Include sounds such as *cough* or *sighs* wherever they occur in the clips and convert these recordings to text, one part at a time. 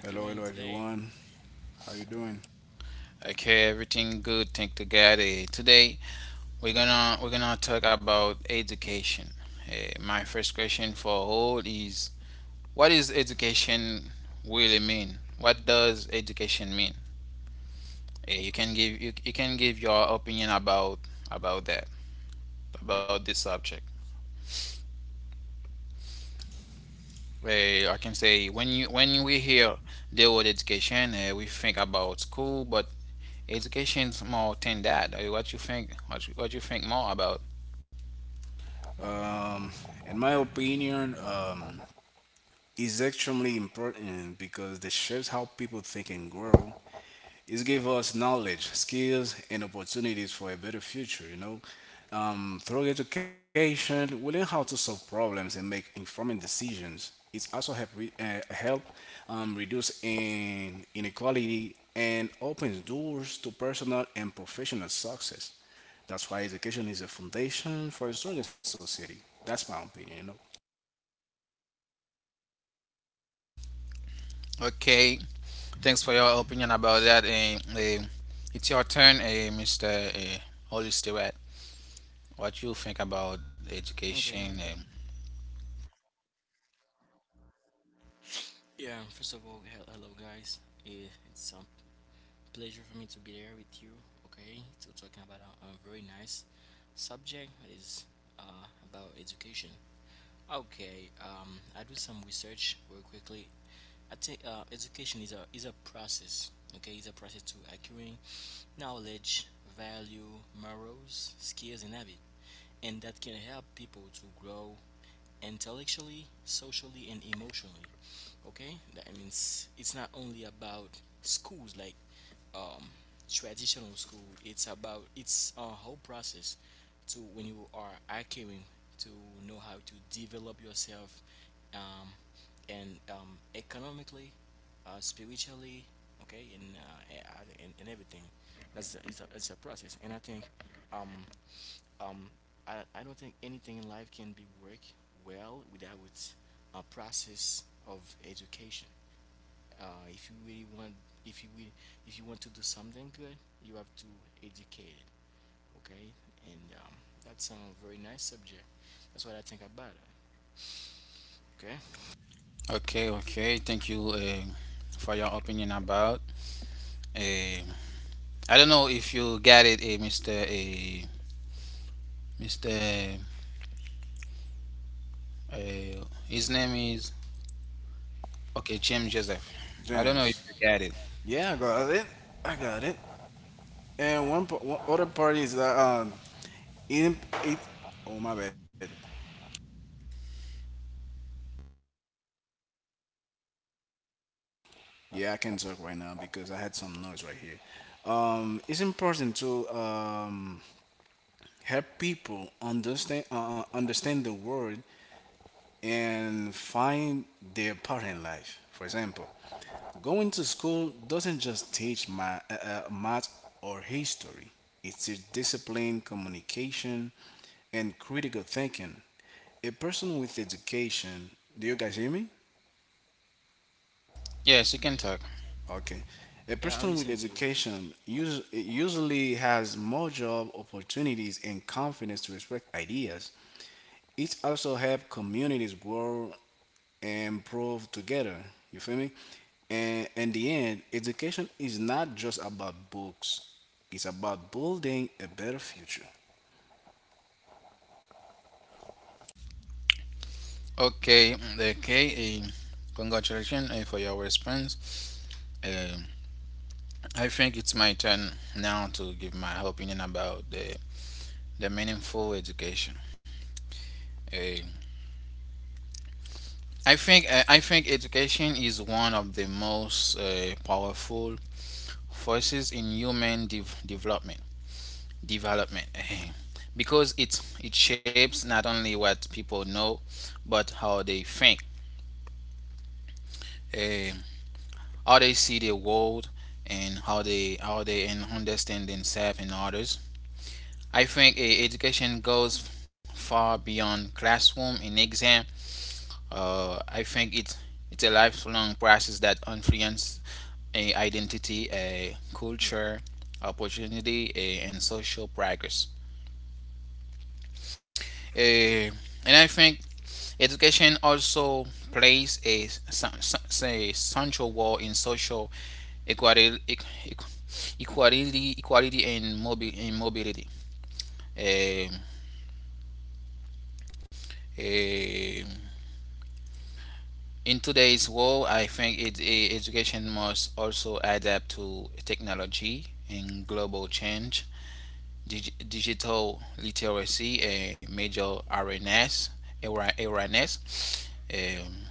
Hello, hello everyone. Hello How you everyone. doing? Hello. How you doing Okay, today? everything good. Thank to God. Today we're gonna talk about education. My first question for all is, what is education really mean? What does education mean? You can give you, you can give your opinion about that about this subject. I can say when you when we hear the word education, we think about school, but education's more than that. What you think? What you think more about? Um, in my opinion, is extremely important because it shapes how people think and grow. It's give us knowledge, skills, and opportunities for a better future. You know, through education, we learn how to solve problems and make informed decisions. It's also help help reduce in inequality and opens doors to personal and professional success. That's why education is a foundation for a stronger society. That's my opinion, you know. Okay, thanks for your opinion about Okay. that. It's your turn, Mr. eh, Holy Stewart. What you think about education? Eh? Okay. Yeah. First of all, hello guys. It's a pleasure for me to be there with you. Okay. To talking about a very nice subject that is about education. Okay. I do some research real quickly. I think education is a process. Okay, it's a process to acquiring knowledge, value, morals, skills, and habit, and that can help people to grow intellectually, socially, and emotionally. Okay, that means it's not only about schools like um, traditional school. It's about it's a whole process to when you are acquiring to know how to develop yourself um, and economically, spiritually, okay, and and everything. It's a process, and I think um, um, I don't think anything in life can be work well without a process of education. If you really want, if you will, if you want to do something good, you have to educate it. Okay, and that's a very nice subject. That's what I think about it. Okay. Okay, okay. Thank you, for your opinion about. eh, I don't know if you got it, Mr. Mr. eh, his name is, okay, James Joseph. I don't know if James. you got it. Yeah, I got it. I got it. And one other part is that in it. Oh my bad. Yeah, I can talk right now because I had some noise right here. It's important to help people understand understand the world and find their part in life. For example, going to school doesn't just teach my math or history. It teaches discipline, communication, and critical thinking. A person with education. Do you guys hear me? Yes, you can talk. Okay. A Yeah, I'm person with listening to you. education usually has more job opportunities and confidence to express ideas. It also helps communities grow and improve together. You feel me? And in the end, education is not just about books. It's about building a better future. Okay, okay. Congratulations, for your response. Uh, I think it's my turn now to give my opinion about the meaningful education. Uh, I think education is one of the most powerful forces in human development. Development, eh, because it shapes not only what people know, but how they think. Eh, how they see the world and how they and understand themselves and others. I think education goes far beyond classroom and exam. I think it's a lifelong process that influences a identity, a culture, opportunity, and social progress. Eh, and I think education also plays a, s- s- s- a central role in social equality, equality and mobility. Um, um, in today's world, I think education must also adapt to technology and global change. Digital literacy, a major awareness, awareness.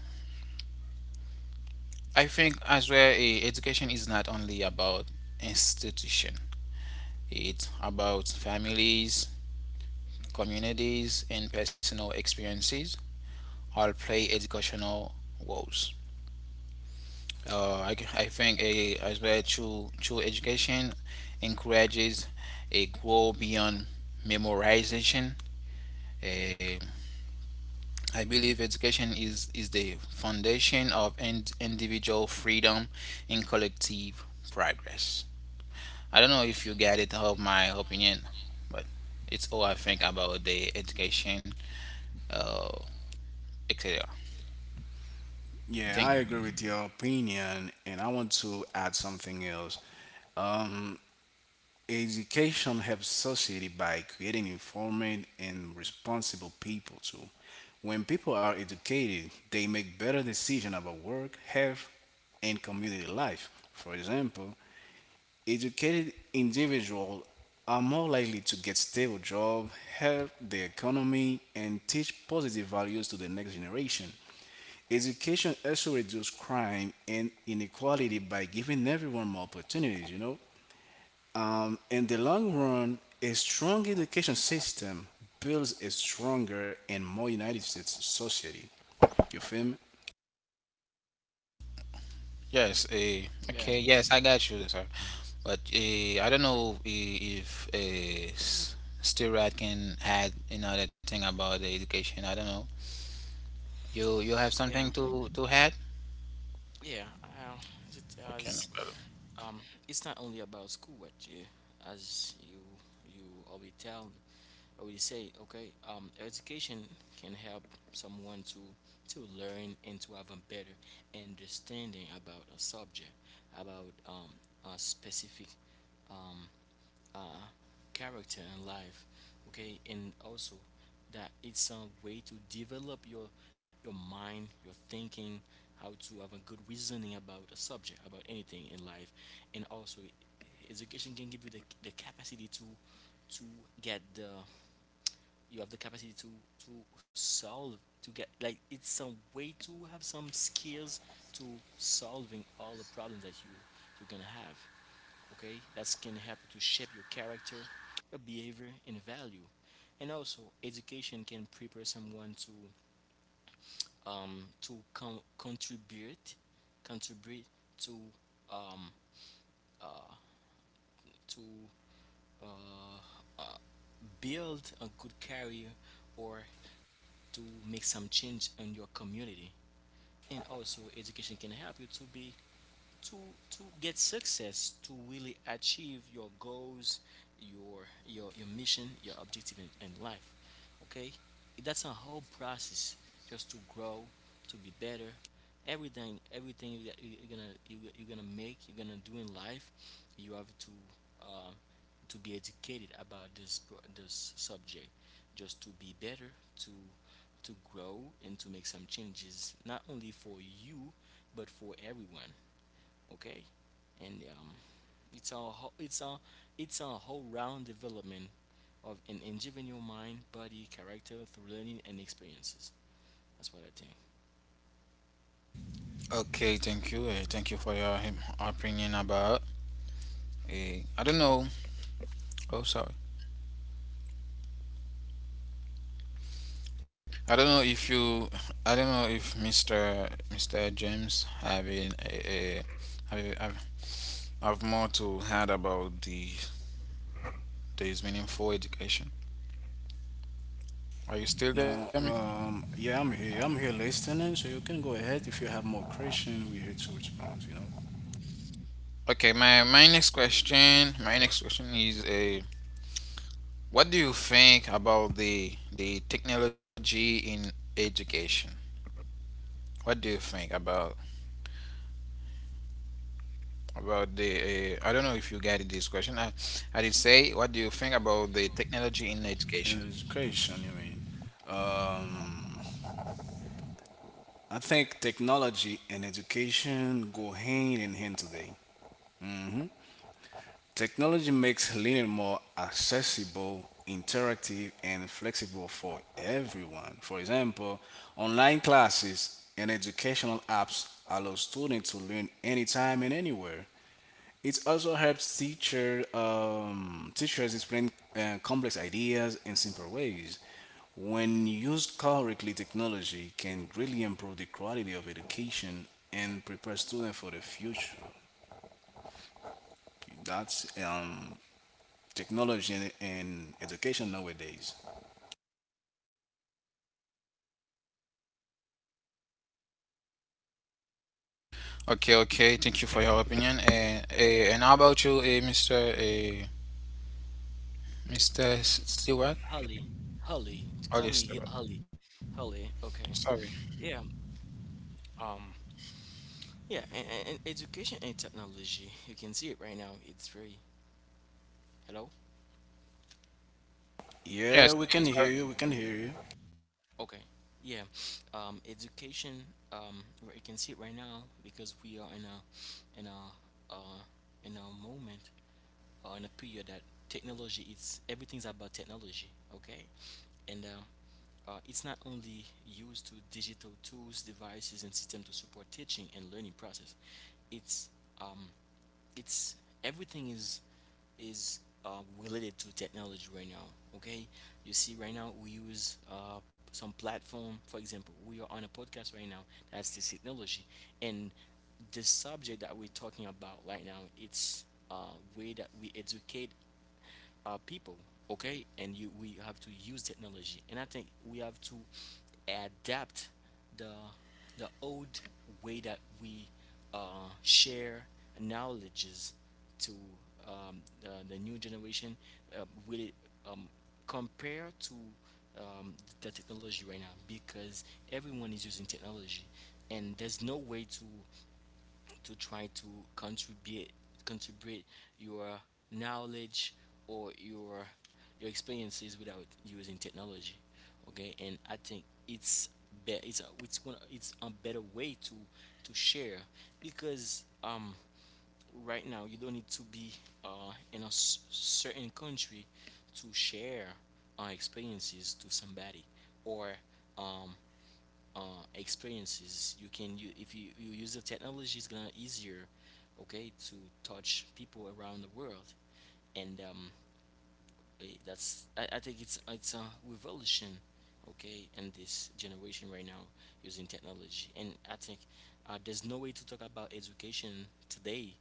I think as well, education is not only about institution. It's about families, communities, and personal experiences all play educational roles. I think as well true education encourages a grow beyond memorization. Eh, I believe education is the foundation of individual freedom and collective progress. I don't know if you get it of my opinion, but it's all I think about the education, uh, etc. Yeah, I Thank agree you. with your opinion, and I want to add something else. Um, Education helps society by creating informed and responsible people too. When people are educated, they make better decisions about work, health, and community life. For example, educated individuals are more likely to get stable jobs, help the economy, and teach positive values to the next generation. Education also reduces crime and inequality by giving everyone more opportunities, you know? In the long run, a strong education system builds a stronger and more United States society. You feel me? Yes. Yeah, Okay. Yes, I got you, sir. But I don't know if Stirad can add another thing about the education. I don't know. You have yeah, something to add? yeah. As it Okay. as No problem. um, it's not only about school, but you, as you you already tell me, I would say, okay, education can help someone to learn and to have a better understanding about a subject, about a specific um, uh, character in life, okay, and also that it's a way to develop your mind, your thinking, how to have a good reasoning about a subject, about anything in life, and also education can give you the capacity to to get the you have the capacity to to solve to get like it's some way to have some skills to solving all the problems that you can have. Okay, that can help you to shape your character, your behavior and value, and also education can prepare someone to um to con- contribute contribute to um uh to uh, uh build a good career or to make some change in your community. And also, education can help you to be to to get success to really achieve your goals, your mission, your objective in life. Okay, that's a whole process just to grow, to be better. Everything, you're gonna make, you're gonna do in life you have uh, to be educated about this this subject just to be better to grow and to make some changes not only for you but for everyone. Okay, and it's a ho- it's a whole round development of an individual mind, body, character through learning and experiences. That's what I think. Okay. Thank you. Thank you for your opinion about. I don't know. Oh, sorry. I don't know if you. I don't know if Mister James having a have, have have more to add about the today's meaningful education. Are you still there? No, Mr.? Yeah, I'm here. I'm here listening, so you can go ahead if you have more question. We're here to respond, you know. Okay, my next question, is a what do you think about the technology in education? What do you think about the I don't know if you get this question. I did say what do you think about the technology in education? In education, you mean? Um, I think technology and education go hand in hand today. Mm-hmm. Technology makes learning more accessible, interactive, and flexible for everyone. For example, online classes and educational apps allow students to learn anytime and anywhere. It also helps teachers explain complex ideas in simple ways. When used correctly, technology can greatly improve the quality of education and prepare students for the future. That's technology and education nowadays. Okay, okay. Thank you for your opinion. And how about you, Mr. Mr. Stewart? Holly holly Or Call me Stewart? Holly. Okay. Sorry. yeah um yeah, and education and technology, you can see it right now, it's very. Hello. Yes. Yeah, we can hear you. We can hear you. Okay. yeah Education, where you can see it right now, because we are in a uh in a moment, are in a period that technology is everything's about technology, okay? And it's not only used to digital tools, devices, and systems to support teaching and learning process. It's um, it's everything is related to technology right now. Okay, you see, right now we use some platform. For example, we are on a podcast right now. That's the technology, and the subject that we're talking about right now. It's way that we educate people. Okay, and you we have to use technology, and I think we have to adapt the the old way that we share knowledges to the new generation uh, will it, um, compare to um, the technology right now, because everyone is using technology and there's no way to try to contribute contribute your knowledge or your experiences without using technology. Okay, and I think it's a, it's one it's a better way to share, because right now you don't need to be in a certain country to share our experiences to somebody or um experiences. You can you if you, you use the technology it's gonna easier, okay, to touch people around the world. And that's I think it's a revolution, okay, in this generation right now using technology. And I think there's no way to talk about education today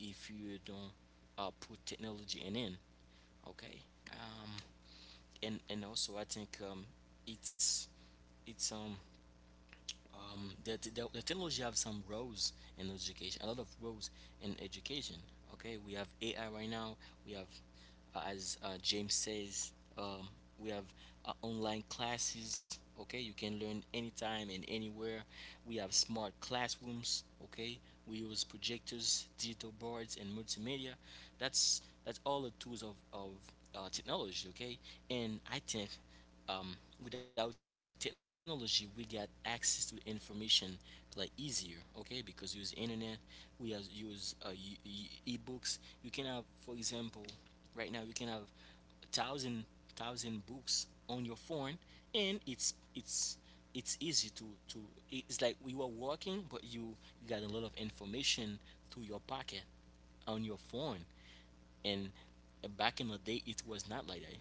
if you don't put technology in. Okay. um, and also I think it's it's um the technology have some roles in education, a lot of roles in education. Okay, we have AI right now. We have, as James says, um, we have online classes. Okay, you can learn anytime and anywhere. We have smart classrooms. Okay, we use projectors, digital boards, and multimedia. That's all the tools of technology. Okay, and I think um, without technology, we got access to information like easier. Okay, because we use internet, we use e-books. You can have, for example, right now you can have thousand thousand books on your phone, and it's easy to it's like you are working, but you got a lot of information through your pocket on your phone. And back in the day it was not like that.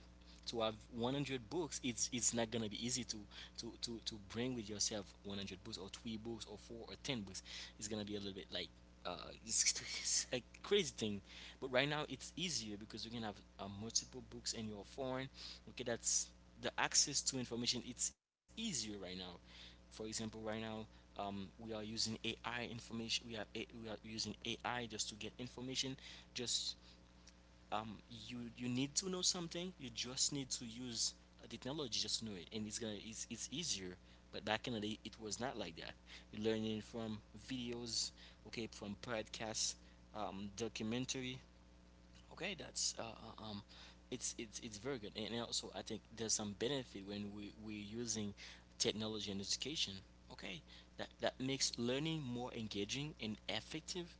To have 100 books, it's not gonna be easy to to bring with yourself 100 books or three books or four or 10 books. It's gonna be a little bit like uh, it's, *laughs* it's a crazy thing. But right now it's easier because you can have multiple books in your phone. Okay, that's the access to information, it's easier right now. For example, right now we are using AI information, we are using AI just to get information, just um, you you need to know something. You just need to use a technology just to know it, and it's easier. But back in the day, it was not like that. You're learning from videos, okay, from podcasts, documentary. Okay, that's it's very good. And also I think there's some benefit when we're using technology in education. Okay, that that makes learning more engaging and effective.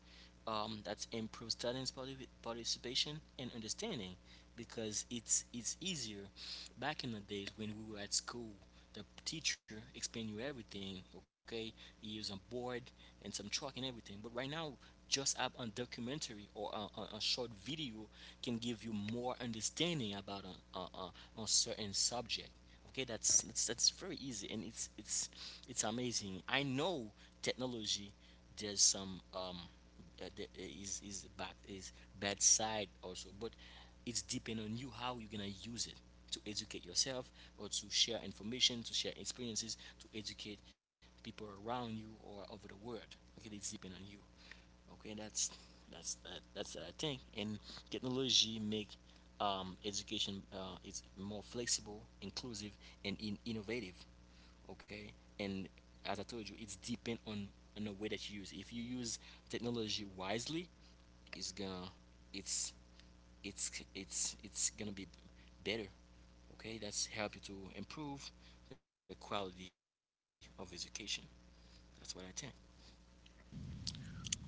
That improves students' participation and understanding, because it's easier. Back in the days when we were at school, the teacher explain you everything, okay, he use a board and some chalk and everything. But right now just up on documentary or a short video can give you more understanding about a certain subject. Okay, that's very easy, and it's amazing. I know technology, there's some is his back his bad side also, but it's depend on you how you're gonna use it to educate yourself or to share information, to share experiences, to educate people around you or over the world. Okay, it's depend on you. Okay, that's I think. And technology make education it's more flexible, inclusive, and innovative. Okay, and as I told you, it's depend on the way that you use. If you use technology wisely, it's gonna it's it's gonna be better. Okay, that's help you to improve the quality of education. That's what I think.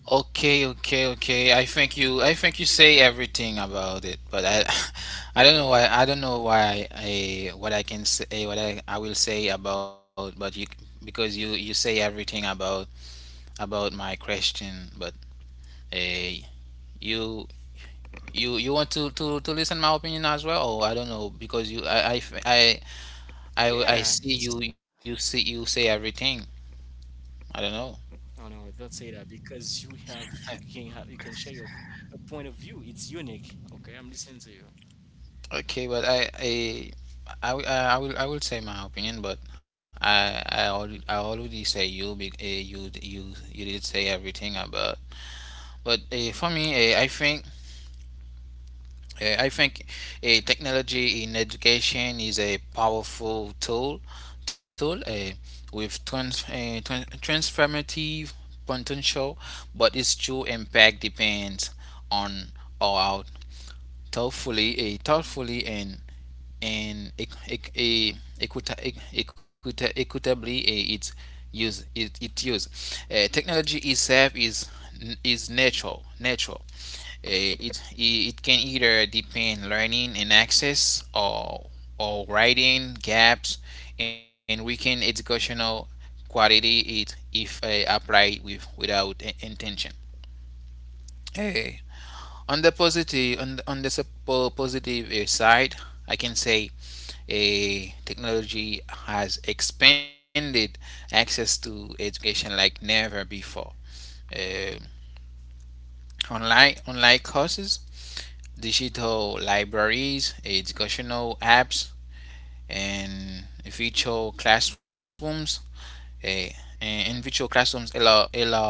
Okay, okay, okay. I think you say everything about it, but I *laughs* I don't know why I what I can say what I will say about but you, because you say everything about my question, but eh you you want to listen my opinion as well, or I don't know because you I Yeah. I I, I see you see you say everything. Oh no, I don't don't know. say that, because you can have you can share *laughs* your point of view. It's unique. Okay, I'm listening to you. Okay, but I will, I will say my opinion, but I already say you, you did say everything about. But for me, uh, I think, technology in education is a powerful tool with transformative potential. But its true impact depends on how thoughtfully and and eh, equitably its used. It use. Technology itself is natural. It can either depend learning and access or writing gaps and weaken educational quality, it if applied without intention. Eh, on on the positive side, I can say a technology has expanded access to education like never before. Uh, online online courses, digital libraries, educational apps, and virtual classrooms. eh, and in virtual classrooms allow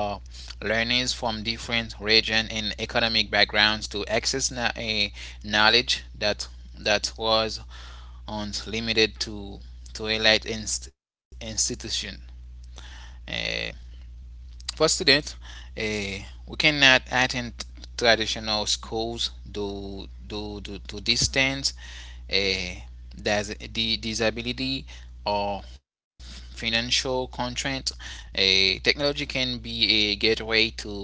learners from different region and economic backgrounds to access knowledge that was once limited to elite institution. Uh, for students, uh, we cannot attend traditional schools due to distance, uh, the disability, or financial constraint. Technology can be a gateway to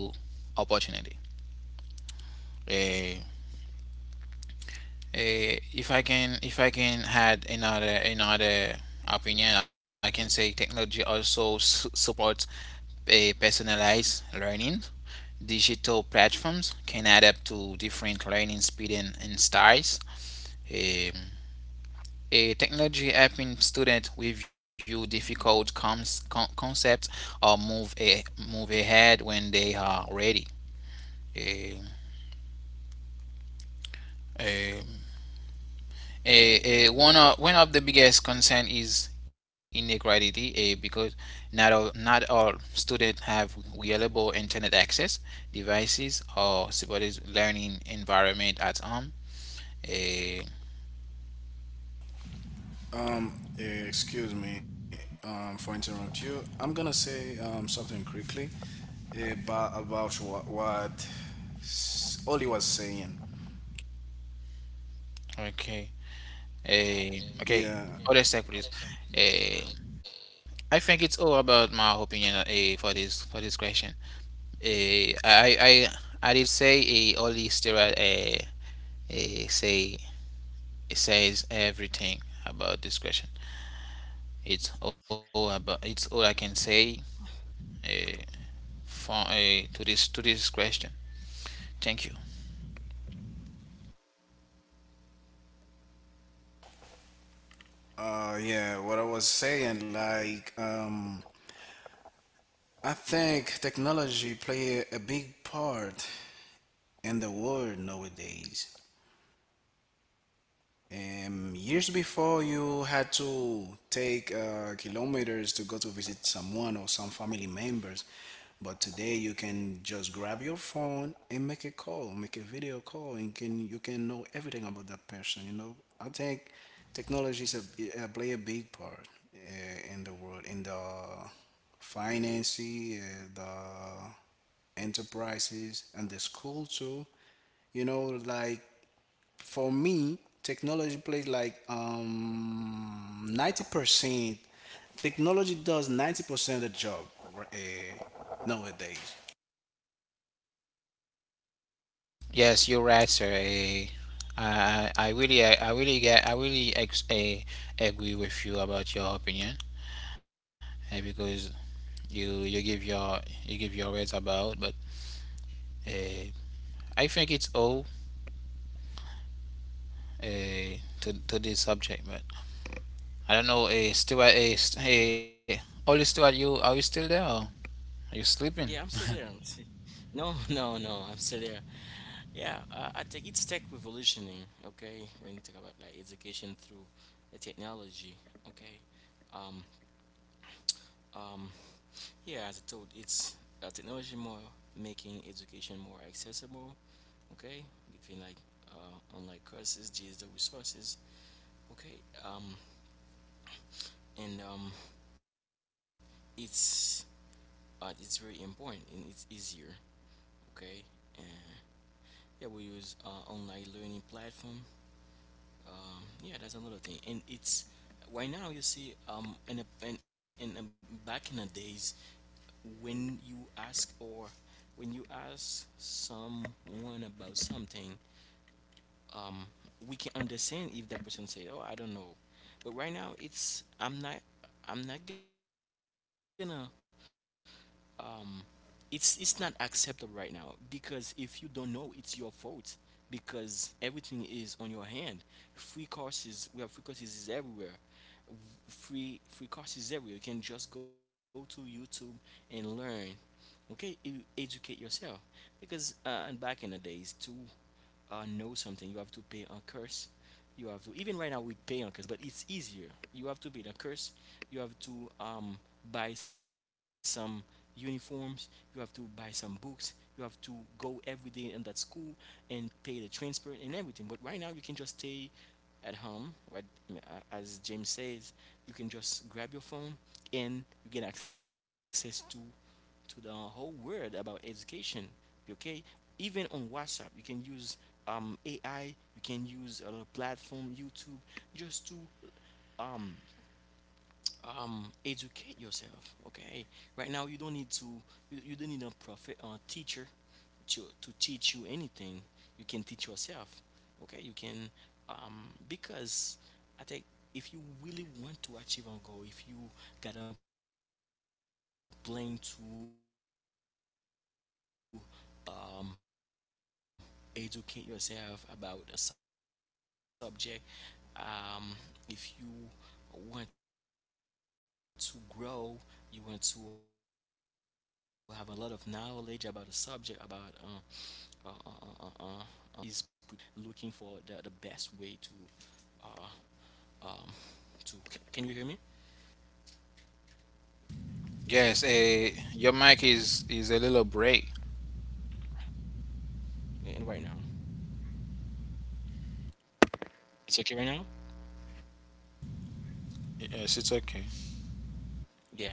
opportunity. Uh, if I can add another opinion, I can say technology also supports personalized learning. Digital platforms can adapt to different learning speed and styles. Um, a technology helping students review difficult concepts or move ahead when they are ready. Um, um, One of the biggest concern is inequality, because not all students have reliable internet access, devices, or supported learning environment at home. Eh, Excuse me, for interrupt you. I'm gonna say something quickly about what, Oli was saying. Okay. Okay. Yeah, Other sec, please. Eh, I think it's all about my opinion, for this question. Eh, I I I did say, only steroid, say it says everything about this question. It's all I can say, eh, to this question. Thank you. Yeah. What I was saying, like, I think technology play a big part in the world nowadays. Years before, you had to take kilometers to go to visit someone or some family members. But today, you can just grab your phone and make a call, make a video call, and can you can know everything about that person. You know, I think technology is play a big part in the world, in the finance, the enterprises, and the school too. You know, like for me, technology plays like 90%. Technology does 90% of the job nowadays. Yes, you're right, sir. I really get I really ex- eh, agree with you about your opinion. Because you give you give your words about. But uh, I think it's all, to this subject. But I don't know. Stuart, hey, Ollie Stuart, you still there? Or are you Yeah, I'm sleeping? still there. No, *laughs* no, no, I'm still there. Yeah, I think it's tech revolutioning. Okay, when you talk about like education through the technology. Okay, um, um, yeah, as I told, it's technology more making education more accessible. Okay, between like online courses, digital resources. Okay, um, and it's it's very important and it's easier. Okay, and yeah, we use online learning platform. Yeah, that's another thing. And it's right now you see in a, back in the days when you ask or when you ask someone about something, um we can understand if that person say oh I don't know. But right now it's I'm not, I'm not gonna um it's not acceptable right now, because if you don't know, it's your fault, because everything is on your hand. Free courses, we have free courses is everywhere. Free courses everywhere. You can just go to YouTube and learn. Okay, you educate yourself, because and back in the days too, know something, you have to pay a curse. You have to, even right now we pay on curse, but it's easier. You have to pay the curse. You have to buy some uniforms. You have to buy some books. You have to go every day in that school and pay the transport and everything. But right now you can just stay at home. Right, uh, as James says, you can just grab your phone and you get access to the whole world about education. Okay, even on WhatsApp, you can use AI. You can use a little platform, YouTube, just to um, educate yourself. Okay, right now you don't need to, you don't need a prophet or teacher to teach you anything. You can teach yourself. Okay, you can because I think, if you really want to achieve a goal, if you got a plan to educate yourself about a subject, um if you want to grow, you want to have a lot of knowledge about a subject, about system. You can, you can do it because your mind is prepared for that. If you really want it, you can do it, but you have to educate yourself, looking for the best way to uh, um, to, can you hear me? Yes. Your mic is a little break. And right now, it's okay right now. Yes, it's okay.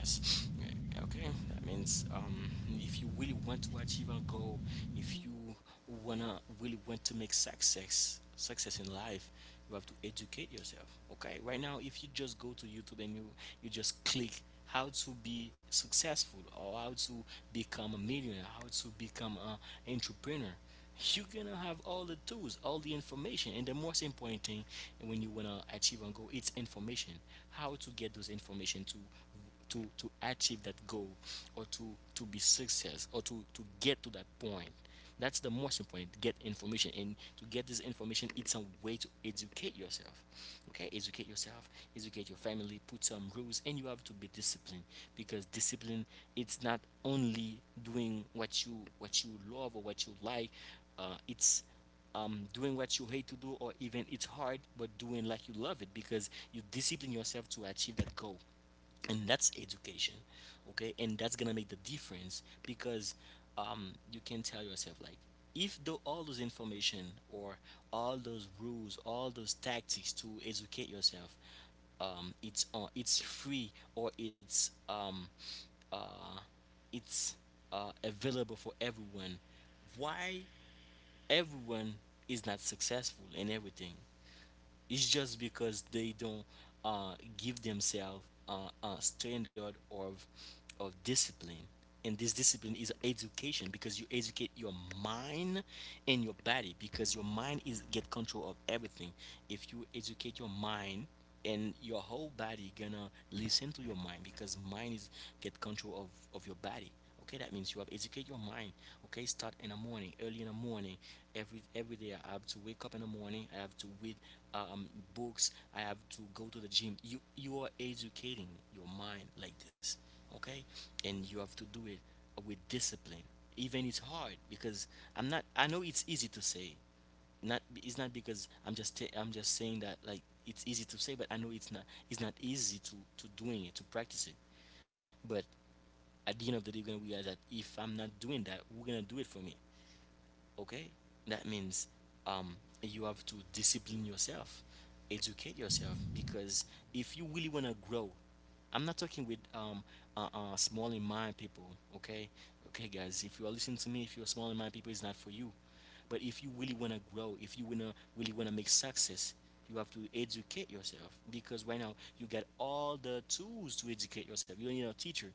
Yes. Okay. That means, if you really want to achieve a goal, if you wanna really want to make success in life, you have to educate yourself. Okay. Right now, if you just go to YouTube and you just click how to be successful or how to become a millionaire, how to become an entrepreneur, you're gonna have all the tools, all the information, and the most important thing when you wanna achieve a goal, it's information. How to get those information to achieve that goal, or to be success, or to get to that point, that's the most important. Get information, and to get this information, it's a way to educate yourself. Okay, educate yourself, educate your family, put some rules, and you have to be disciplined. Because discipline, it's not only doing what you love or what you like, it's, doing what you hate to do, or even it's hard, but doing like you love it, because you discipline yourself to achieve that goal. And that's education. Okay, and that's gonna make the difference because you can tell yourself like, if though all those information, or all those rules, all those tactics to educate yourself, it's on, it's free, or uh, it's available for everyone. Why everyone is not successful in everything? It's just because they don't give themselves a standard of discipline, and this discipline is education, because you educate your mind and your body, because your mind is get control of everything. If you educate your mind, and your whole body gonna listen to your mind, because mind is get control of your body. Okay, that means you have educate your mind. Okay, start in the morning, early in the morning, every day I have to wake up in the morning, I have to read um, books, I have to go to the gym. You are educating your mind like this. Okay, and you have to do it with discipline, even it's hard. Because I'm not I know it's easy to say, not it's not, because I'm just saying that like it's easy to say, but I know it's not. It's not easy to doing it, to practice it, but at the end of the day, we're gonna realize that if I'm not doing that, we're gonna do it for me? Okay, that means um, you have to discipline yourself, educate yourself, because if you really wanna grow, I'm not talking with small in mind people. Okay, okay guys, if you are listening to me, if you're small in mind people, it's not for you. But if you really want to grow, if you wanna really want to make success, you have to educate yourself, because right now you got all the tools to educate yourself. You don't need a teacher,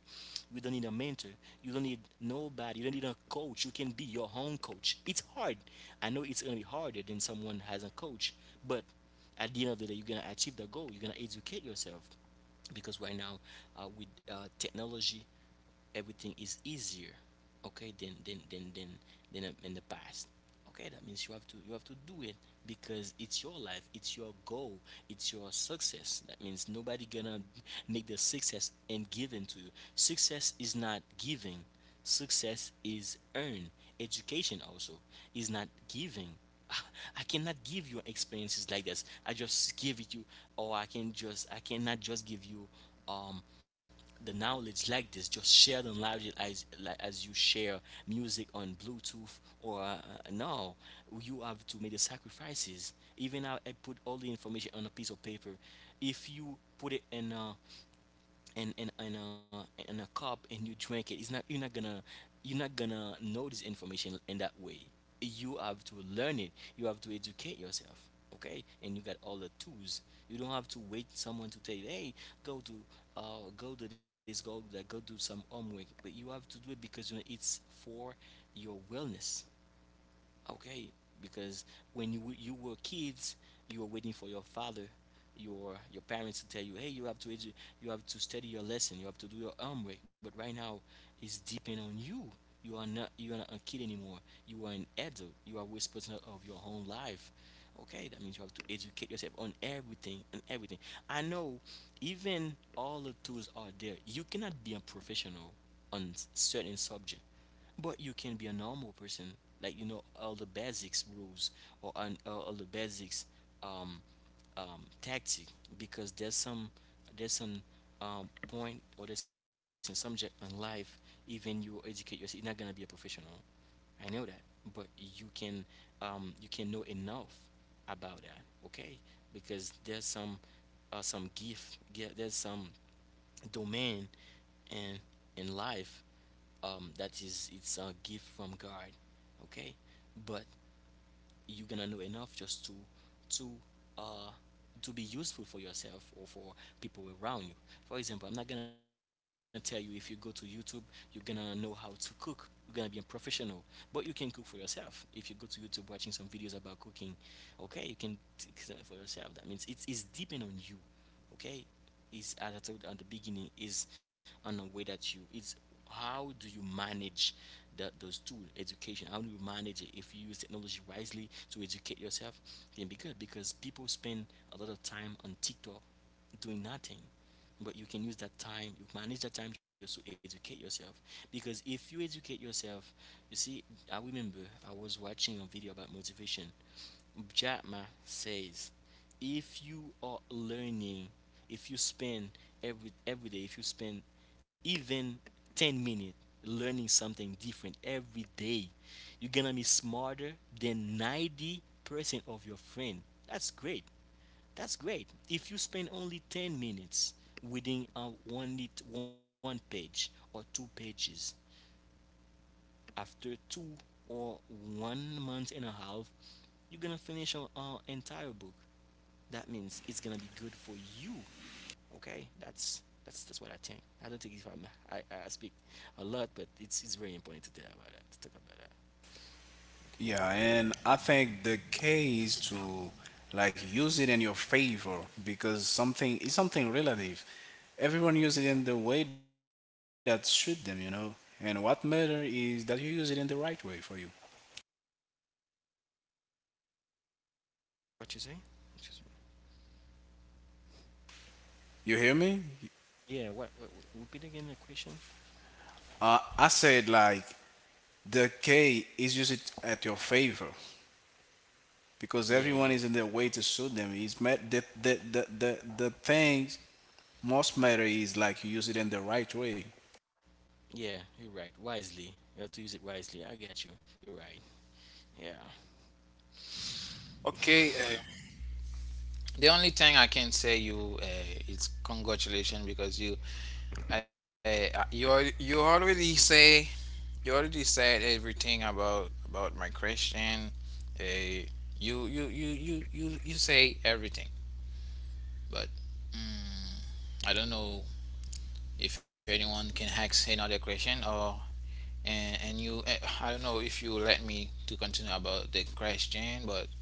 you don't need a mentor, you don't need nobody, you don't need a coach. You can be your own coach. It's hard. I know it's gonna be harder than someone has a coach, but at the end of the day, you're gonna achieve the goal. You're gonna educate yourself, because right now with technology, everything is easier. Okay, than in the past. Okay, that means you have to do it, because it's your life, it's your goal, it's your success. That means nobody gonna make the success and give it to you. Success is not giving, success is earned. Education also is not giving. *laughs* I cannot give you experiences like this. I just give it you, or I can just, I cannot just give you um the knowledge like this, just share the knowledge as like, as you share music on bluetooth, or no, you have to make the sacrifices. Even I put all the information on a piece of paper, if you put it in a in a cup and you drink it, it's not, you're not gonna know this information in that way. You have to learn it. You have to educate yourself. Okay, and you got all the tools. You don't have to wait someone to tell you, hey, go to go to this, go to that, go do some homework. But you have to do it because you know it's for your wellness. Okay, because you were kids, you were waiting for your father, your parents to tell you, hey, you have to study your lesson, you have to do your homework. But right now, it's depend on you. You are not, you are not a kid anymore. You are an adult. You are responsible of your own life. Okay, that means you have to educate yourself on everything and everything. I know, even all the tools are there, you cannot be a professional on certain subject, but you can be a normal person, like you know all the basics rules, or or all the basics um, tactic, because there's some, there's some point, or there's some subject in life. Even you educate yourself, you're not gonna be a professional. I know that, but you can know enough about that, okay? Because there's some there's some domain in life that is, it's a gift from God. Okay, but you're gonna know enough just to to uh to be useful for yourself or for people around you. For example, I'm not gonna tell you if you go to YouTube you're gonna know how to cook, you're gonna be a professional, but you can cook for yourself if you go to YouTube watching some videos about cooking. Okay, you can t- for yourself. That means it's depend on you. Okay, is as I told at the beginning, is on the way that you, it's how do you manage those two education. How do you manage it? If you use technology wisely to educate yourself, then be good, because people spend a lot of time on TikTok doing nothing. But you can use that time, you manage that time just to educate yourself. Because if you educate yourself, you see, I remember, I was watching a video about motivation. Jack Ma says, if you are learning, if you spend, every day, if you spend even 10 minutes learning something different every day, you're gonna be smarter than 90% of your friend. That's great. That's great. If you spend only 10 minutes reading one page or two pages, after two or one month and a half, you're gonna finish an entire book. That means it's gonna be good for you. Okay, that's that's what I think. I don't think if I speak a lot, but it's very important to tell about that, to talk about that. Okay, Yeah, and I think the key is to like use it in your favor because something is something relative. Everyone use it in the way that suit them, you know. And what matter is that you use it in the right way for you. what you say? What you say? You hear me? Yeah, what- repeat again the question? I said like the key is use it at your favor because Yeah, everyone yeah, is in their way to suit them. It's met the things most matter is like you use it in the right way. yeah. You're right. Wisely, you have to use it wisely. I got you. You're right. Yeah. *sighs* Okay, the only thing I can say you, is congratulations because you already say you already said everything about my question. Uh, you say everything, but mm, I don't know if anyone can ask another question, or and I don't know if you let me to continue about the question. But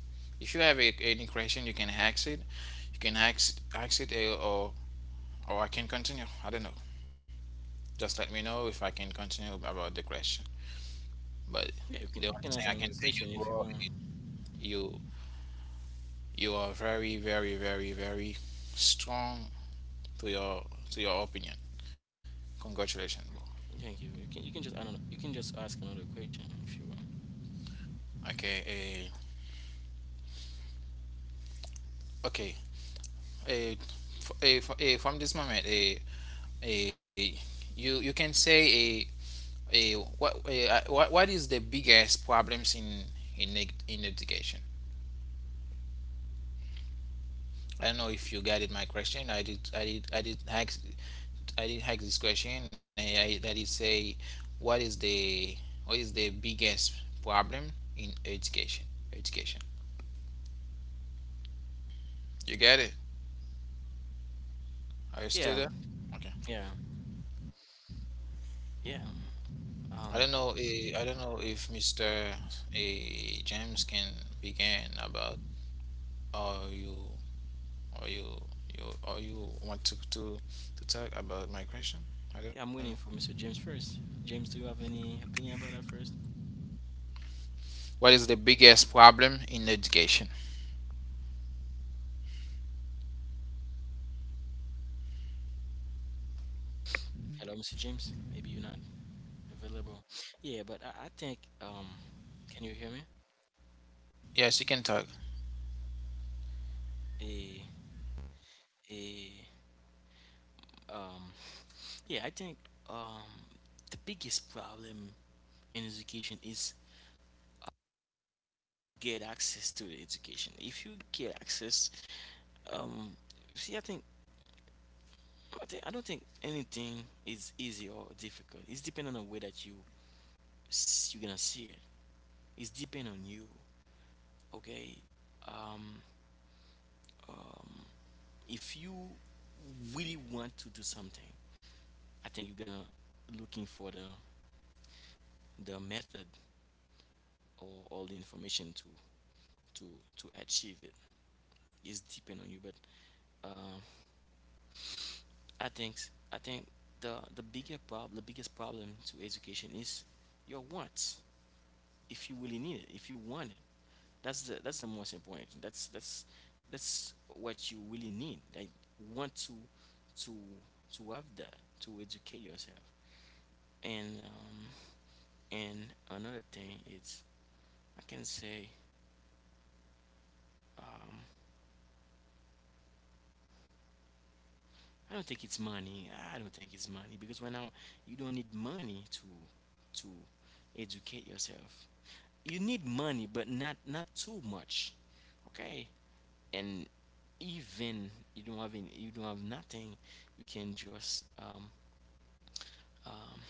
if you have any question, you can ask it. You can ask it, or I can continue. I don't know. Just let me know if I can continue about the question. But Yeah, you can the only ask thing I another can say, question you, if you want. bro, you you are very, very, very, very strong to your to your opinion. Congratulations, bro. Thank you. You can just, I don't know. You can just ask another question if you want. Okay, okay. eh, from this moment, eh, you can say, eh, what is the biggest problems in education? I don't know if you got it. My question. I did ask. I did hack this question. I did say, what is the biggest problem in education? Education. You get it? Are you Yeah, still there? Okay. yeah, yeah. I don't know. Yeah. I don't know if Mister James can begin about, or or you you want to talk about my question. I don't Yeah, I'm waiting know. for Mr. James first. James, do you have any opinion about that first? What is the biggest problem in education? Hello, Mr. James. Maybe you're not available. Yeah, but I think can you hear me? Yes, you can talk. A a um, yeah, I think um, the biggest problem in education is get access to the education. If you get access, um, see, I think I think I don't think anything is easy or difficult. It's depending on the way that you you're gonna see it. It's depend on you. Okay. um, um, if you really want to do something, I think you're gonna looking for the method or all the information to to achieve it. It is depend on you, but um, I think i think the biggest problem to education is your wants. If you really need it, if you want it, that's the most important. That's what you really need. Like want to to have that, to educate yourself. And and another thing is I can say, um, I don't think it's money. I don't think it's money because right now you don't need money to educate yourself. You need money, but not too much. Okay, and even you don't have any, you don't have nothing, you can just um,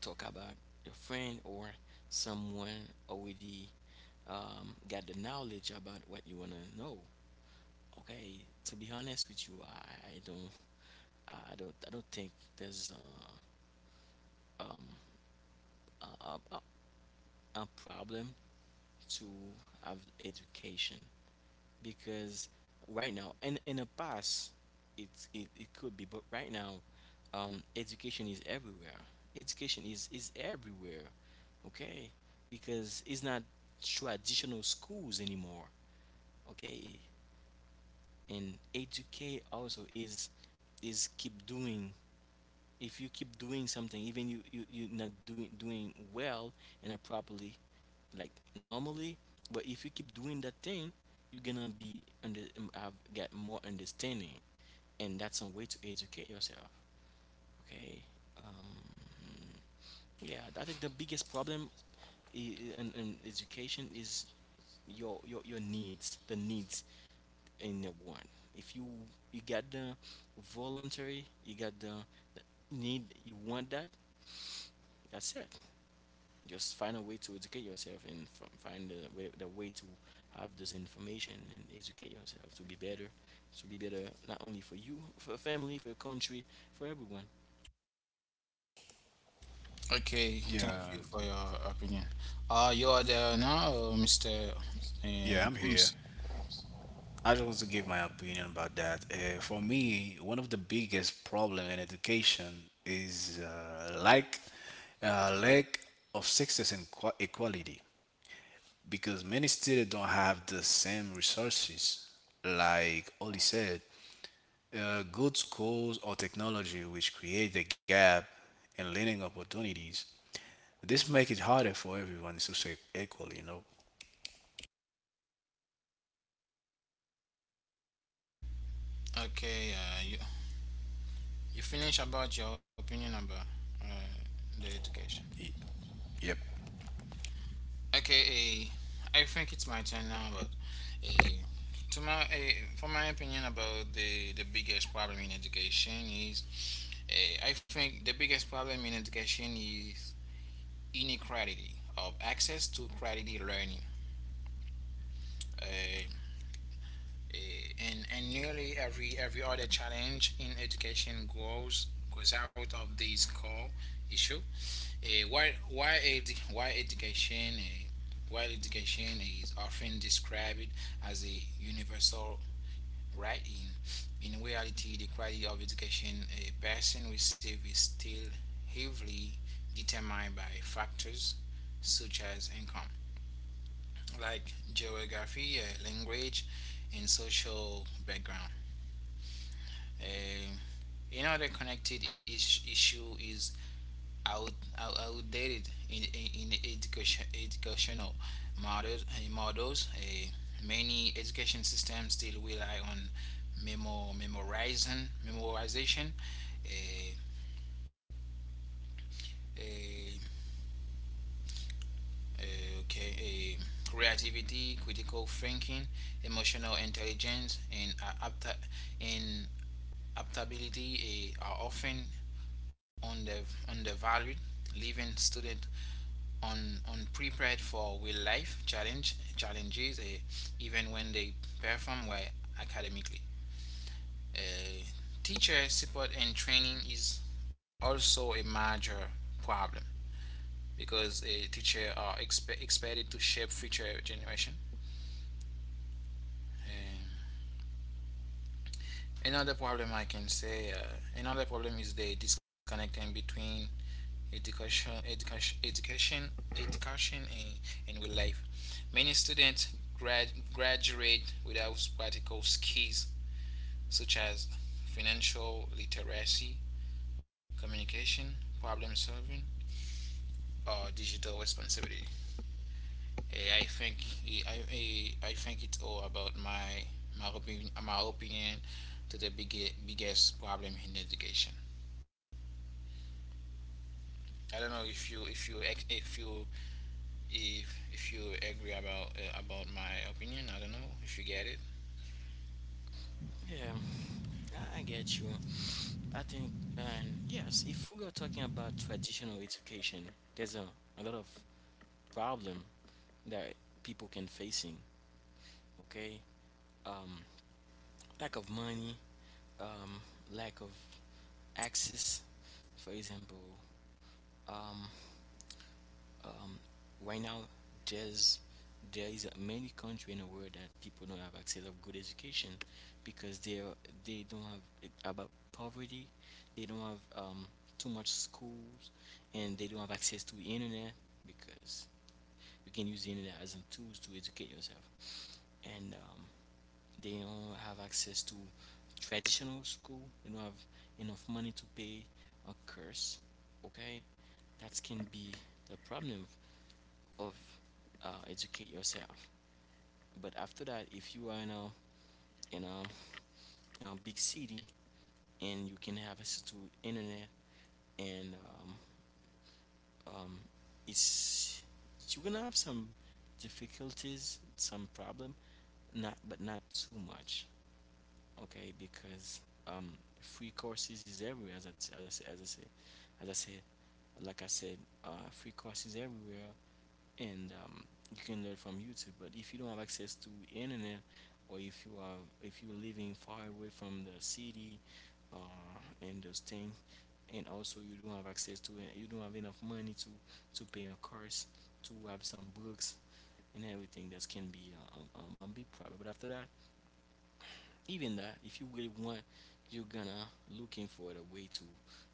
talk about your friend or someone already got the knowledge about what you wanna know. Okay, to be honest with you, I don't think there's um, a, a a problem to have education. Because right now, in the past it's it could be, but right now education is everywhere. Education is everywhere. Okay, because it's not traditional schools anymore. Okay, and educate also is keep doing. If you keep doing something, even you not doing well and not properly, like normally, but if you keep doing that thing, you're gonna be under have get more understanding, and that's a way to educate yourself. Okay. um yeah, I think the biggest problem in education is your needs, the needs in the one. If you you got the voluntary, you got the need, you want that, that's it. Just find a way to educate yourself and find the way to have this information and educate yourself to be better, to be better, not only for you, for your family, for your country, for everyone. Okay, thank Yeah, you for your opinion. You are there now, Mister yeah, I'm here. James. I just want to give my opinion about that. For me, one of the biggest problem in education is lack of success and equality because many students don't have the same resources. Like Oli said, good schools or technology which create the gap in learning opportunities. This make it harder for everyone to succeed equally, you know. Okay, you finish about your opinion about, uh, the education. Y- Yep. Okay, I think it's my turn now. But uh, to my for my opinion about the biggest problem in education is, I think the biggest problem in education is inequality of access to quality learning. Uh, uh, and nearly every other challenge in education goes out of this core issue. Uh, while, while, edu- while education uh, while education is often described as a universal right. In reality, the quality of education a person receives is still heavily determined by factors such as income, like geography, language, and social background. Um Another connected issue is out, out, outdated, in education educational models, Many education systems still rely on memorization. Uh, uh, okay. Uh, Creativity, critical thinking, emotional intelligence, and adaptability are often under undervalued, leaving student unprepared for real life challenges, even when they perform well academically. Eh, Teacher support and training is also a major problem, because teacher are expected to shape future generation. Eh, Another problem I can say, another problem is the disconnecting between education, education, education, education and real life. Many students graduate without practical skills such as financial literacy, communication, problem solving, or digital responsibility. I think I think it's all about my opinion to the biggest problem in education. I don't know if you if you if you if you agree about my opinion. I don't know if you get it. Yeah, I get you. I think, and yes, if we are talking about traditional education, there's a lot of problem that people can facing. Okay, um, lack of money, um, lack of access, for example. Um, um, right now there's there is many country in the world that people don't have access of good education because they are, they don't have about poverty, they don't have too much schools, and they don't have access to internet, because you can use the internet as a tools to educate yourself. And they don't have access to traditional school, they don't have enough money to pay a course. Okay, that can be the problem of educate yourself. But after that, if you are in a in a, in a big city and you can have access to internet, and um, it's you're gonna have some difficulties, some problem, not but not too much, okay? Because um, free courses is everywhere, as I say, as I say, as I say, like I said, free courses everywhere. And you can learn from YouTube. But if you don't have access to internet, or if you are if you're living far away from the city, uh, and those things, and also you don't have access to it, you don't have enough money to pay a course, to have some books and everything. That can be a big problem. But after that, even that, if you really want, you're gonna looking for the way to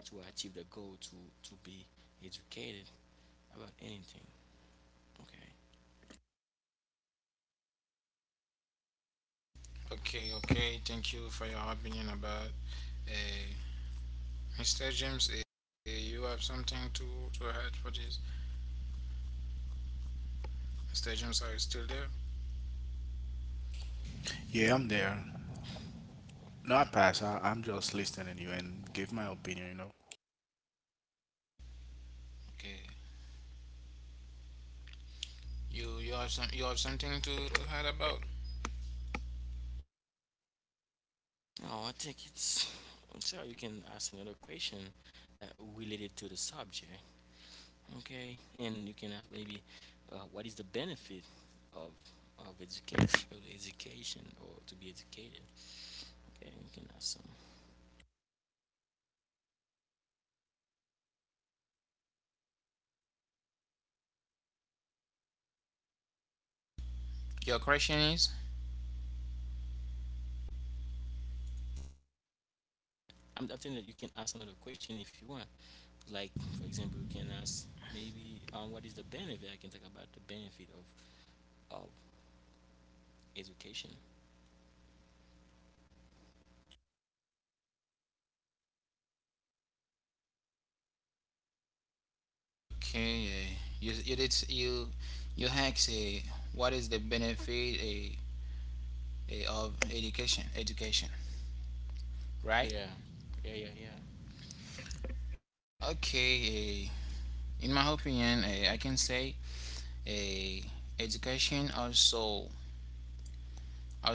to achieve the goal to be educated about anything. Okay. Okay, okay. Thank you for your opinion about, uh, Mr. James. You have something to add for this? Mr. James, are you still there? Yeah, I'm there. No, I pass. I'm just listening to you and give my opinion, you know. Okay. You have something to add about. No, I think it's so you can ask another question that related to the subject, okay? And you can ask maybe what is the benefit of or to be educated? Okay, you can ask some. Your question is I'm thinking that you can ask another question if you want. Like for example, you can ask maybe what is the benefit? I can talk about the benefit of of education. okay. You did you hack say, what is the benefit, of education, Yeah, right? yeah, yeah, yeah. Okay, in my opinion, I can say, uh, education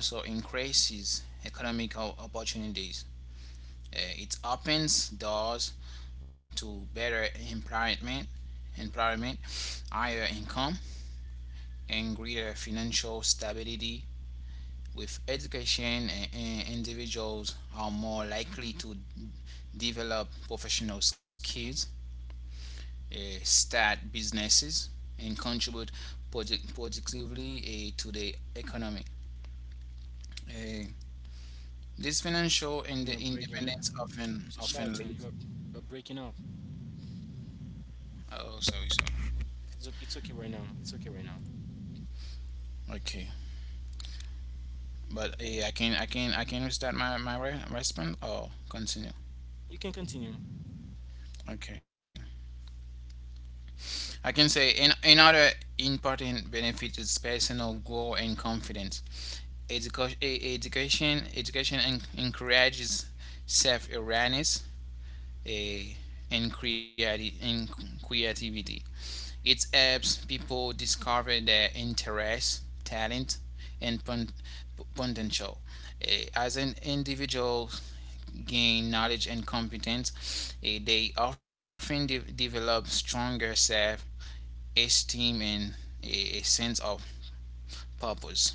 also increases economic opportunities. It opens doors to better employment, higher income, and greater financial stability. With education, individuals are more likely to develop professional skills, uh, start businesses, and contribute project positively, to the economy. Uh, this financial You're breaking. independence So Charlton, often leads. you're breaking up. Oh, sorry, sorry. It's, it's okay right now. It's okay right now. Okay, but I can restart my response or continue. You can continue. Okay, I can say in another important benefit is personal growth and confidence. Education Education encourages self awareness, eh, and creativity. It helps people discover their interests, talent, and potential. As an individual gain knowledge and competence, they often develop stronger self esteem and a sense of purpose.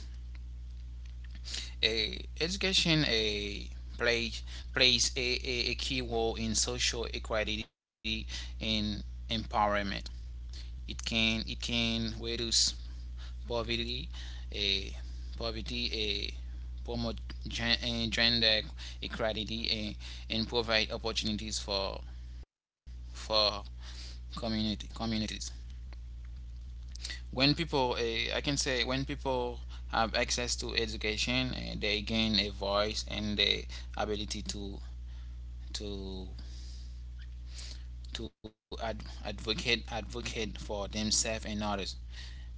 Education, play, plays a key role in social equality and empowerment. It can reduce poverty, a poverty, a promote, gender equality, and provide opportunities for for community communities. I can say, when people have access to education, they gain a voice and the ability to to advocate advocate for themselves and others.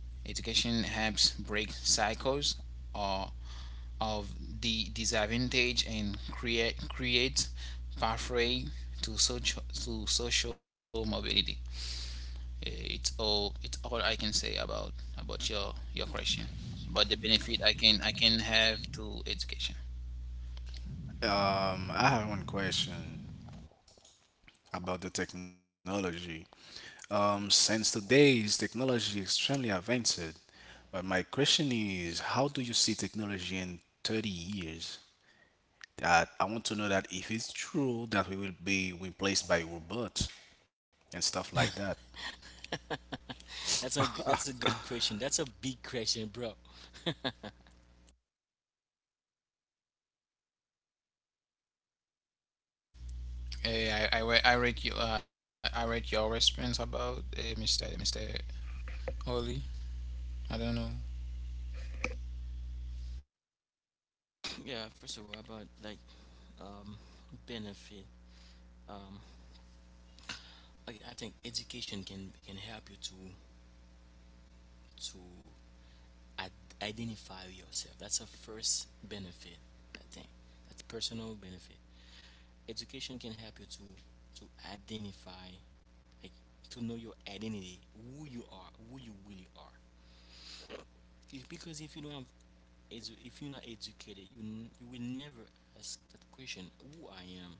Education helps break cycles or of the disadvantage and create pathway to social mobility. It's all I can say about your question. But the benefit I can have to education. I have one question about the technology. Since today's technology extremely advanced, but my question is, how do you see technology in 30 years? That I want to know that if it's true that we will be replaced by robots and stuff like that. That's a that's *laughs* a good question. That's a big question, bro. Uh, I read your response about, Mr. Oli. I don't know. Yeah, first of all, about like um, benefit. Um, I think education can help you to identify yourself. That's a first benefit. I think that's personal benefit. Education can help you to identify, like to know your identity, who you are, who you really are. Because if you don't have if you're not educated, you you will never ask that question: Who I am,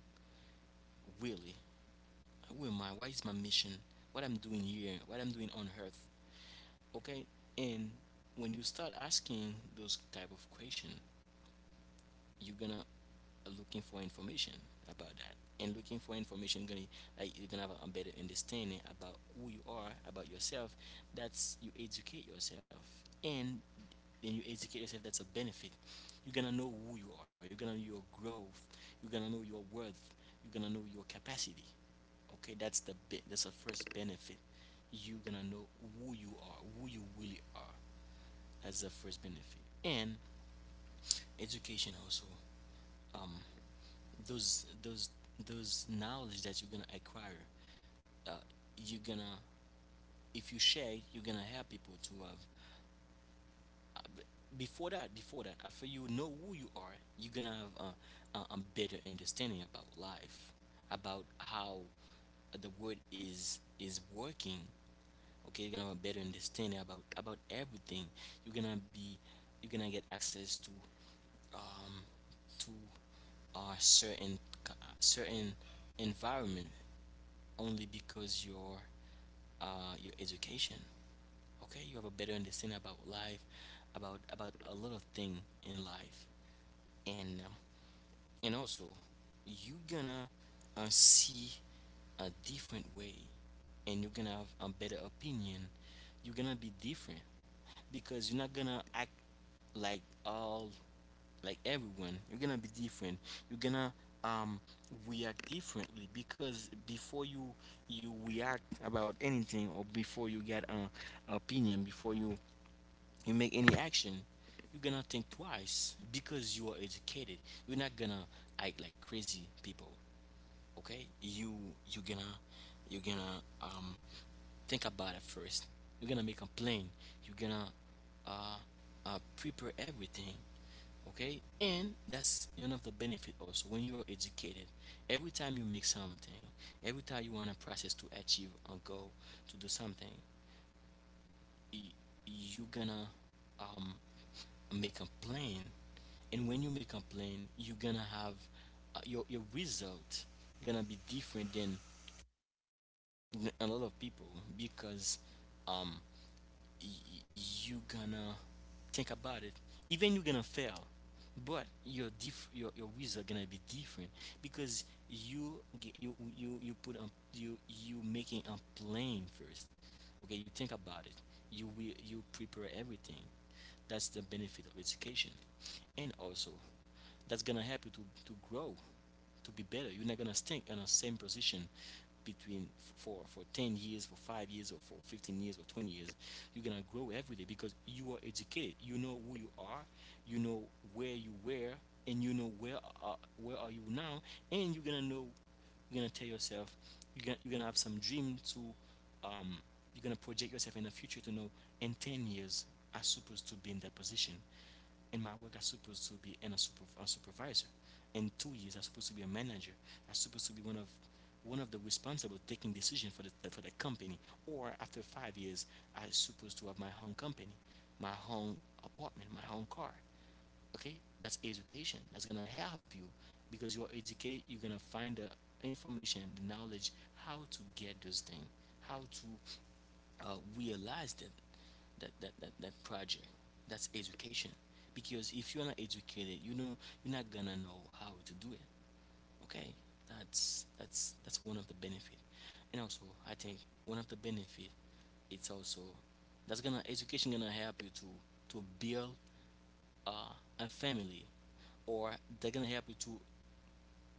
really? Who am I? What is my mission? What I'm doing here? What I'm doing on Earth? Okay. And when you start asking those type of question, you're gonna looking for information about that, and looking for information gonna like you're gonna have a better understanding about who you are, about yourself. That's you educate yourself, and then you educate yourself, that's a benefit. You're gonna know who you are, you're gonna know your growth, you're gonna know your worth, you're gonna know your capacity. Okay, that's the first benefit. You're gonna know who you are, who you really are. That's the first benefit. And education also, um those those those knowledge that you're gonna acquire, uh, you're gonna if you share it, you're gonna help people to have. Before that, after you know who you are, you're gonna have a better understanding about life, about how the world is working. Okay, you're gonna have a better understanding about everything. You're gonna be, you're gonna get access to um to a certain c- certain environment only because your education. Okay, you have a better understanding about life, about a lot of thing in life. And and also you gonna see a different way, and you're gonna have a better opinion, you're gonna be different, because you're not gonna act like all like everyone. You're gonna be different, you're gonna um react differently, because before you you react about anything or before you get an opinion, before you you make any action, you're gonna think twice because you are educated. You're not gonna act like crazy people. Okay? You're gonna you're gonna um think about it first. You're gonna make a plan. You're gonna uh, prepare everything. Okay? And that's one of the benefit also when you are educated. Every time you make something, every time you want a process to achieve a goal to do something, y- you're gonna um make a plan. And when you make a plan, you're gonna have your result gonna be different than a lot of people, because um y- you gonna think about it. Even you're gonna fail, but your diff your result gonna be different because you you put on you you making a plan first. Okay, you think about it. You will you prepare everything. That's the benefit of education. And also, that's gonna help you to grow, to be better. You're not gonna stay in the same position between for 10 years, for 5 years, or for 15 years or 20 years. You're gonna grow every day because you are educated. You know who you are. You know where you were, and you know uh, where are you now. And you're gonna know. You're gonna tell yourself. You're gonna have some dream to. Um, you're gonna project yourself in the future to know, in 10 years I'm supposed to be in that position. In my work, I'm supposed to be in a, super, a supervisor. In 2 years, I'm supposed to be a manager. I'm supposed to be one of the responsible taking decision for the company. Or after 5 years, I'm supposed to have my own company, my own apartment, my own car. Okay, that's education. That's gonna help you because you are educated. You're gonna find the information, the knowledge, how to get those things, how to realize them, that project. That's education. Because if you're not educated, you know you're not gonna know how to do it. Okay, that's one of the benefit. And also, I think one of the benefit, it's also that's gonna education gonna help you to build uh, a family, or they're gonna help you to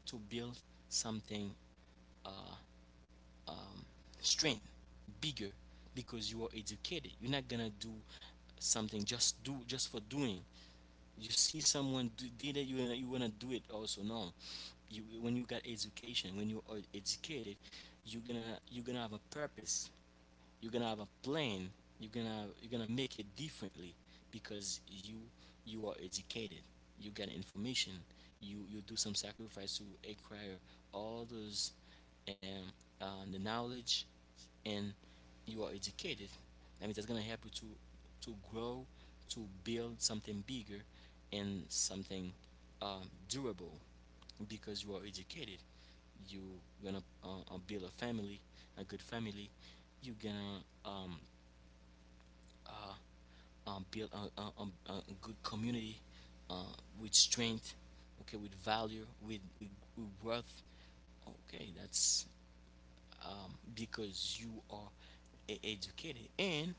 to build something strength bigger because you are educated. You're not gonna do something just do just for doing. You see someone do, did it, you wanna do it also. No, you, when you got education, when you are educated, you're gonna have a purpose, you're gonna have a plan, you're gonna make it differently, because you are educated. You get information, you do some sacrifice to acquire all those the knowledge, and you are educated. That means that's gonna help you to grow, to build something bigger, and something durable, because you are educated, you gonna build a family, a good family. You gonna uh, build a good community uh, with strength, okay, with value, with worth. Okay, that's because you are educated. And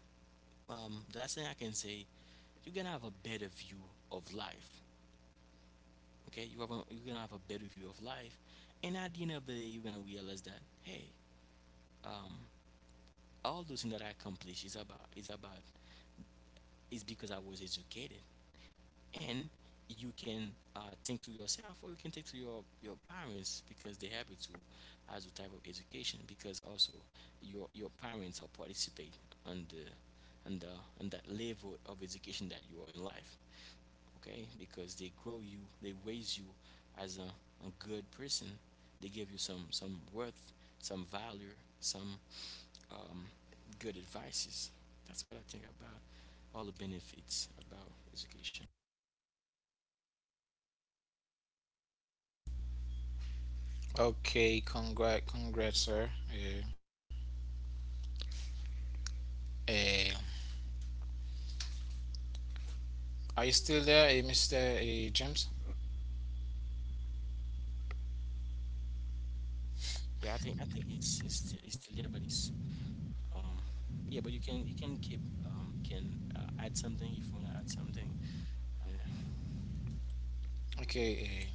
the last thing I can say, you're gonna have a better view of life. Okay, you have a, you're gonna have a better view of life, and at the end of the day, you're gonna realize that hey, um, all those things that I accomplished is about is because I was educated. And you can think to yourself, or you can think to your parents, because they help you to as a type of education. Because also your parents are participate on the on the on that level of education that you are in life. Okay, because they grow you, they raise you as a good person. They give you some worth, some value, some um, good advices. That's what I think about all the benefits about education. Okay, congrats, congrats, sir. Uh, are you still there, Mr. James? Yeah, I think it's still there, but it's um yeah, but you can keep can add something if you wanna add something. *sighs* Okay.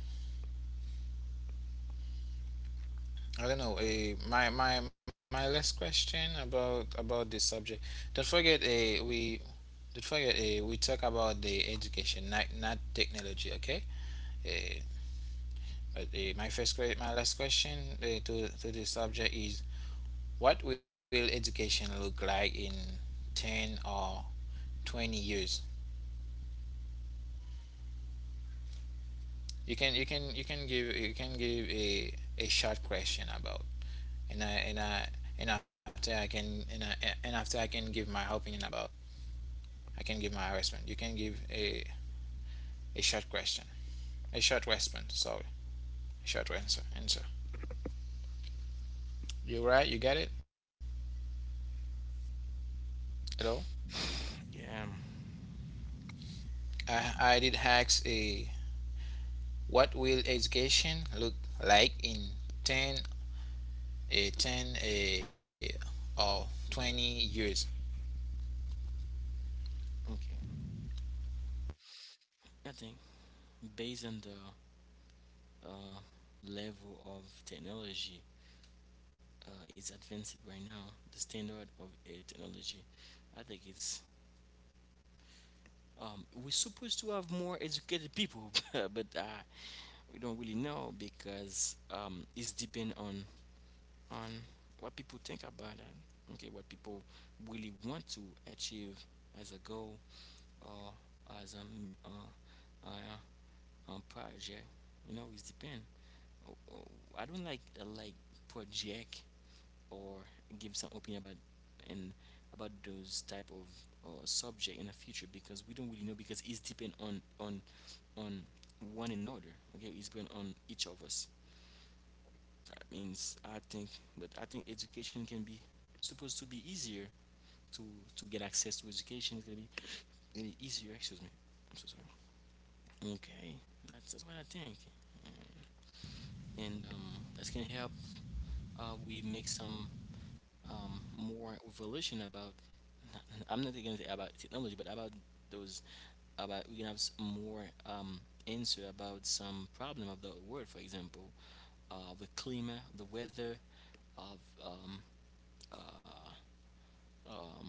I don't know. My last question about this subject. Don't forget. We don't forget. We talk about the education, not technology. Okay. Eh, but my last question, to this subject is: what will education look like in 10 or 20 years? You can give a short question about, and I and I and after I can and I, and after I can give my opinion about. I can give my response. You can give a, short question, a short response. Sorry, a short answer. Answer. You right? You get it? Hello. Yeah. Yeah, I did ask, a, what will education look like in 10, a 10, a or 20 years? okay. I think based on the uh, level of technology, it's advanced right now. The standard of technology, I think it's we're supposed to have more educated people, *laughs* but we don't really know because it's depend on on what people think about it. Okay, what people really want to achieve as a goal, or as a uh, uh, project. You know, it's depend. Oh, oh, I don't like project or give some opinion about and about those type of subject in the future, because we don't really know because it's depend on on one another. Okay, it's depend on each of us. So that means I think, but I think education can be supposed to be easier to to get access to education. It's gonna be really easier. Excuse me. I'm so sorry. Okay, that's what I think. Mm. And that's gonna help. We make some more revelation about. *laughs* I'm not gonna say about technology, but about those, about, we can have more answer about some problem of the world. For example, the climate, the weather of um. uh, um,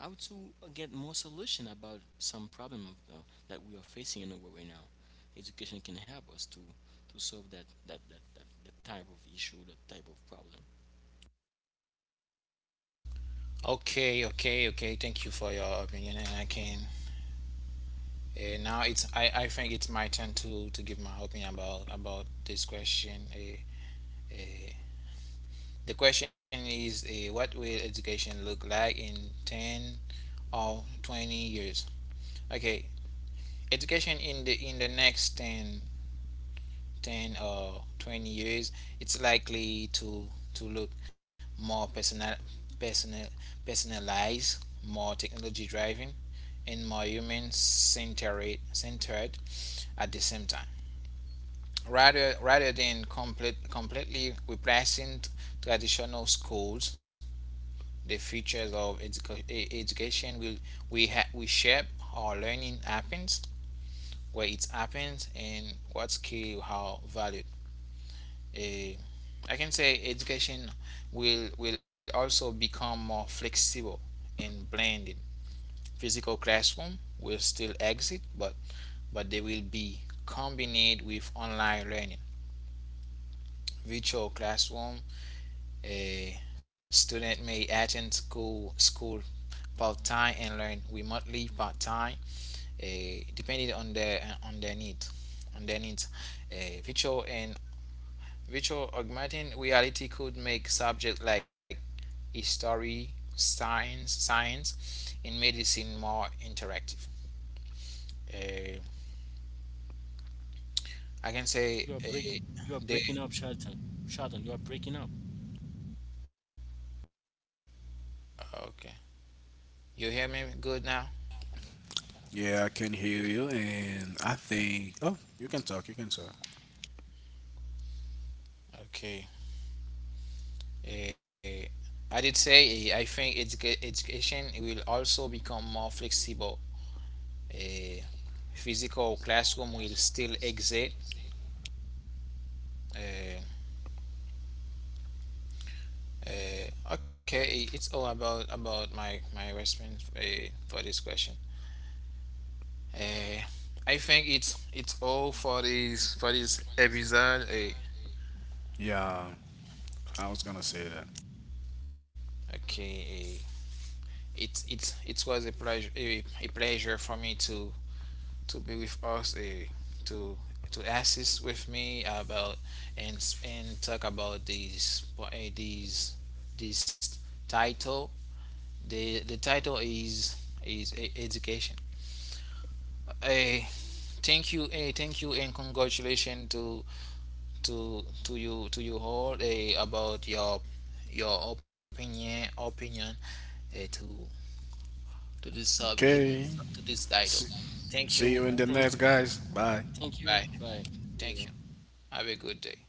how to get more solution about some problem of, that we are facing in the world right now. Education can help us to solve that type of issue, that type of problem. Okay, okay, okay. Thank you for your opinion, and I can. Now it's, I think it's my turn, to give my opinion about this question. Uh, The question is, what will education look like in 10 or 20 years? Okay, education in the next 10 or 20 years it's likely to look more personal personalized, more technology driven, and more human centered at the same time. Rather than completely replacing traditional schools. The features of education we shape how learning happens, where it happens, and what skill how valued. Eh, I can say education will also become more flexible and blended. Physical classroom will still exist, but they will be combined with online learning. Virtual classroom, a student may attend school part time and learn remotely part time, uh, depending on their on their on their needs. Uh, virtual and virtual augmented reality could make subjects like history, science, and medicine more interactive. Uh, I can say, You are break, you are they. breaking up, Charlton. Charlton, you are breaking up. Okay, you hear me good now? Yeah, I can hear you, and I think. Oh, you can talk. You can talk. Okay. Uh, I did say, I think education will also become more flexible. A physical classroom will still exist. Uh, okay, it's all about my response, for this question. Uh, I think it's all for this episode. Yeah, I was gonna say that. Okay, it was a pleasure, a pleasure for me to be with us, to to assist with me about, and and talk about these this title. The title is education. Eh, Thank you, thank you, and congratulations to to you all, about your opinion, eh, to to this sub Okay. To this title. See, Thank see you you in the and Thank next, guys. Bye. Thank you. bye. Bye. See you. Thank you. Have a good day.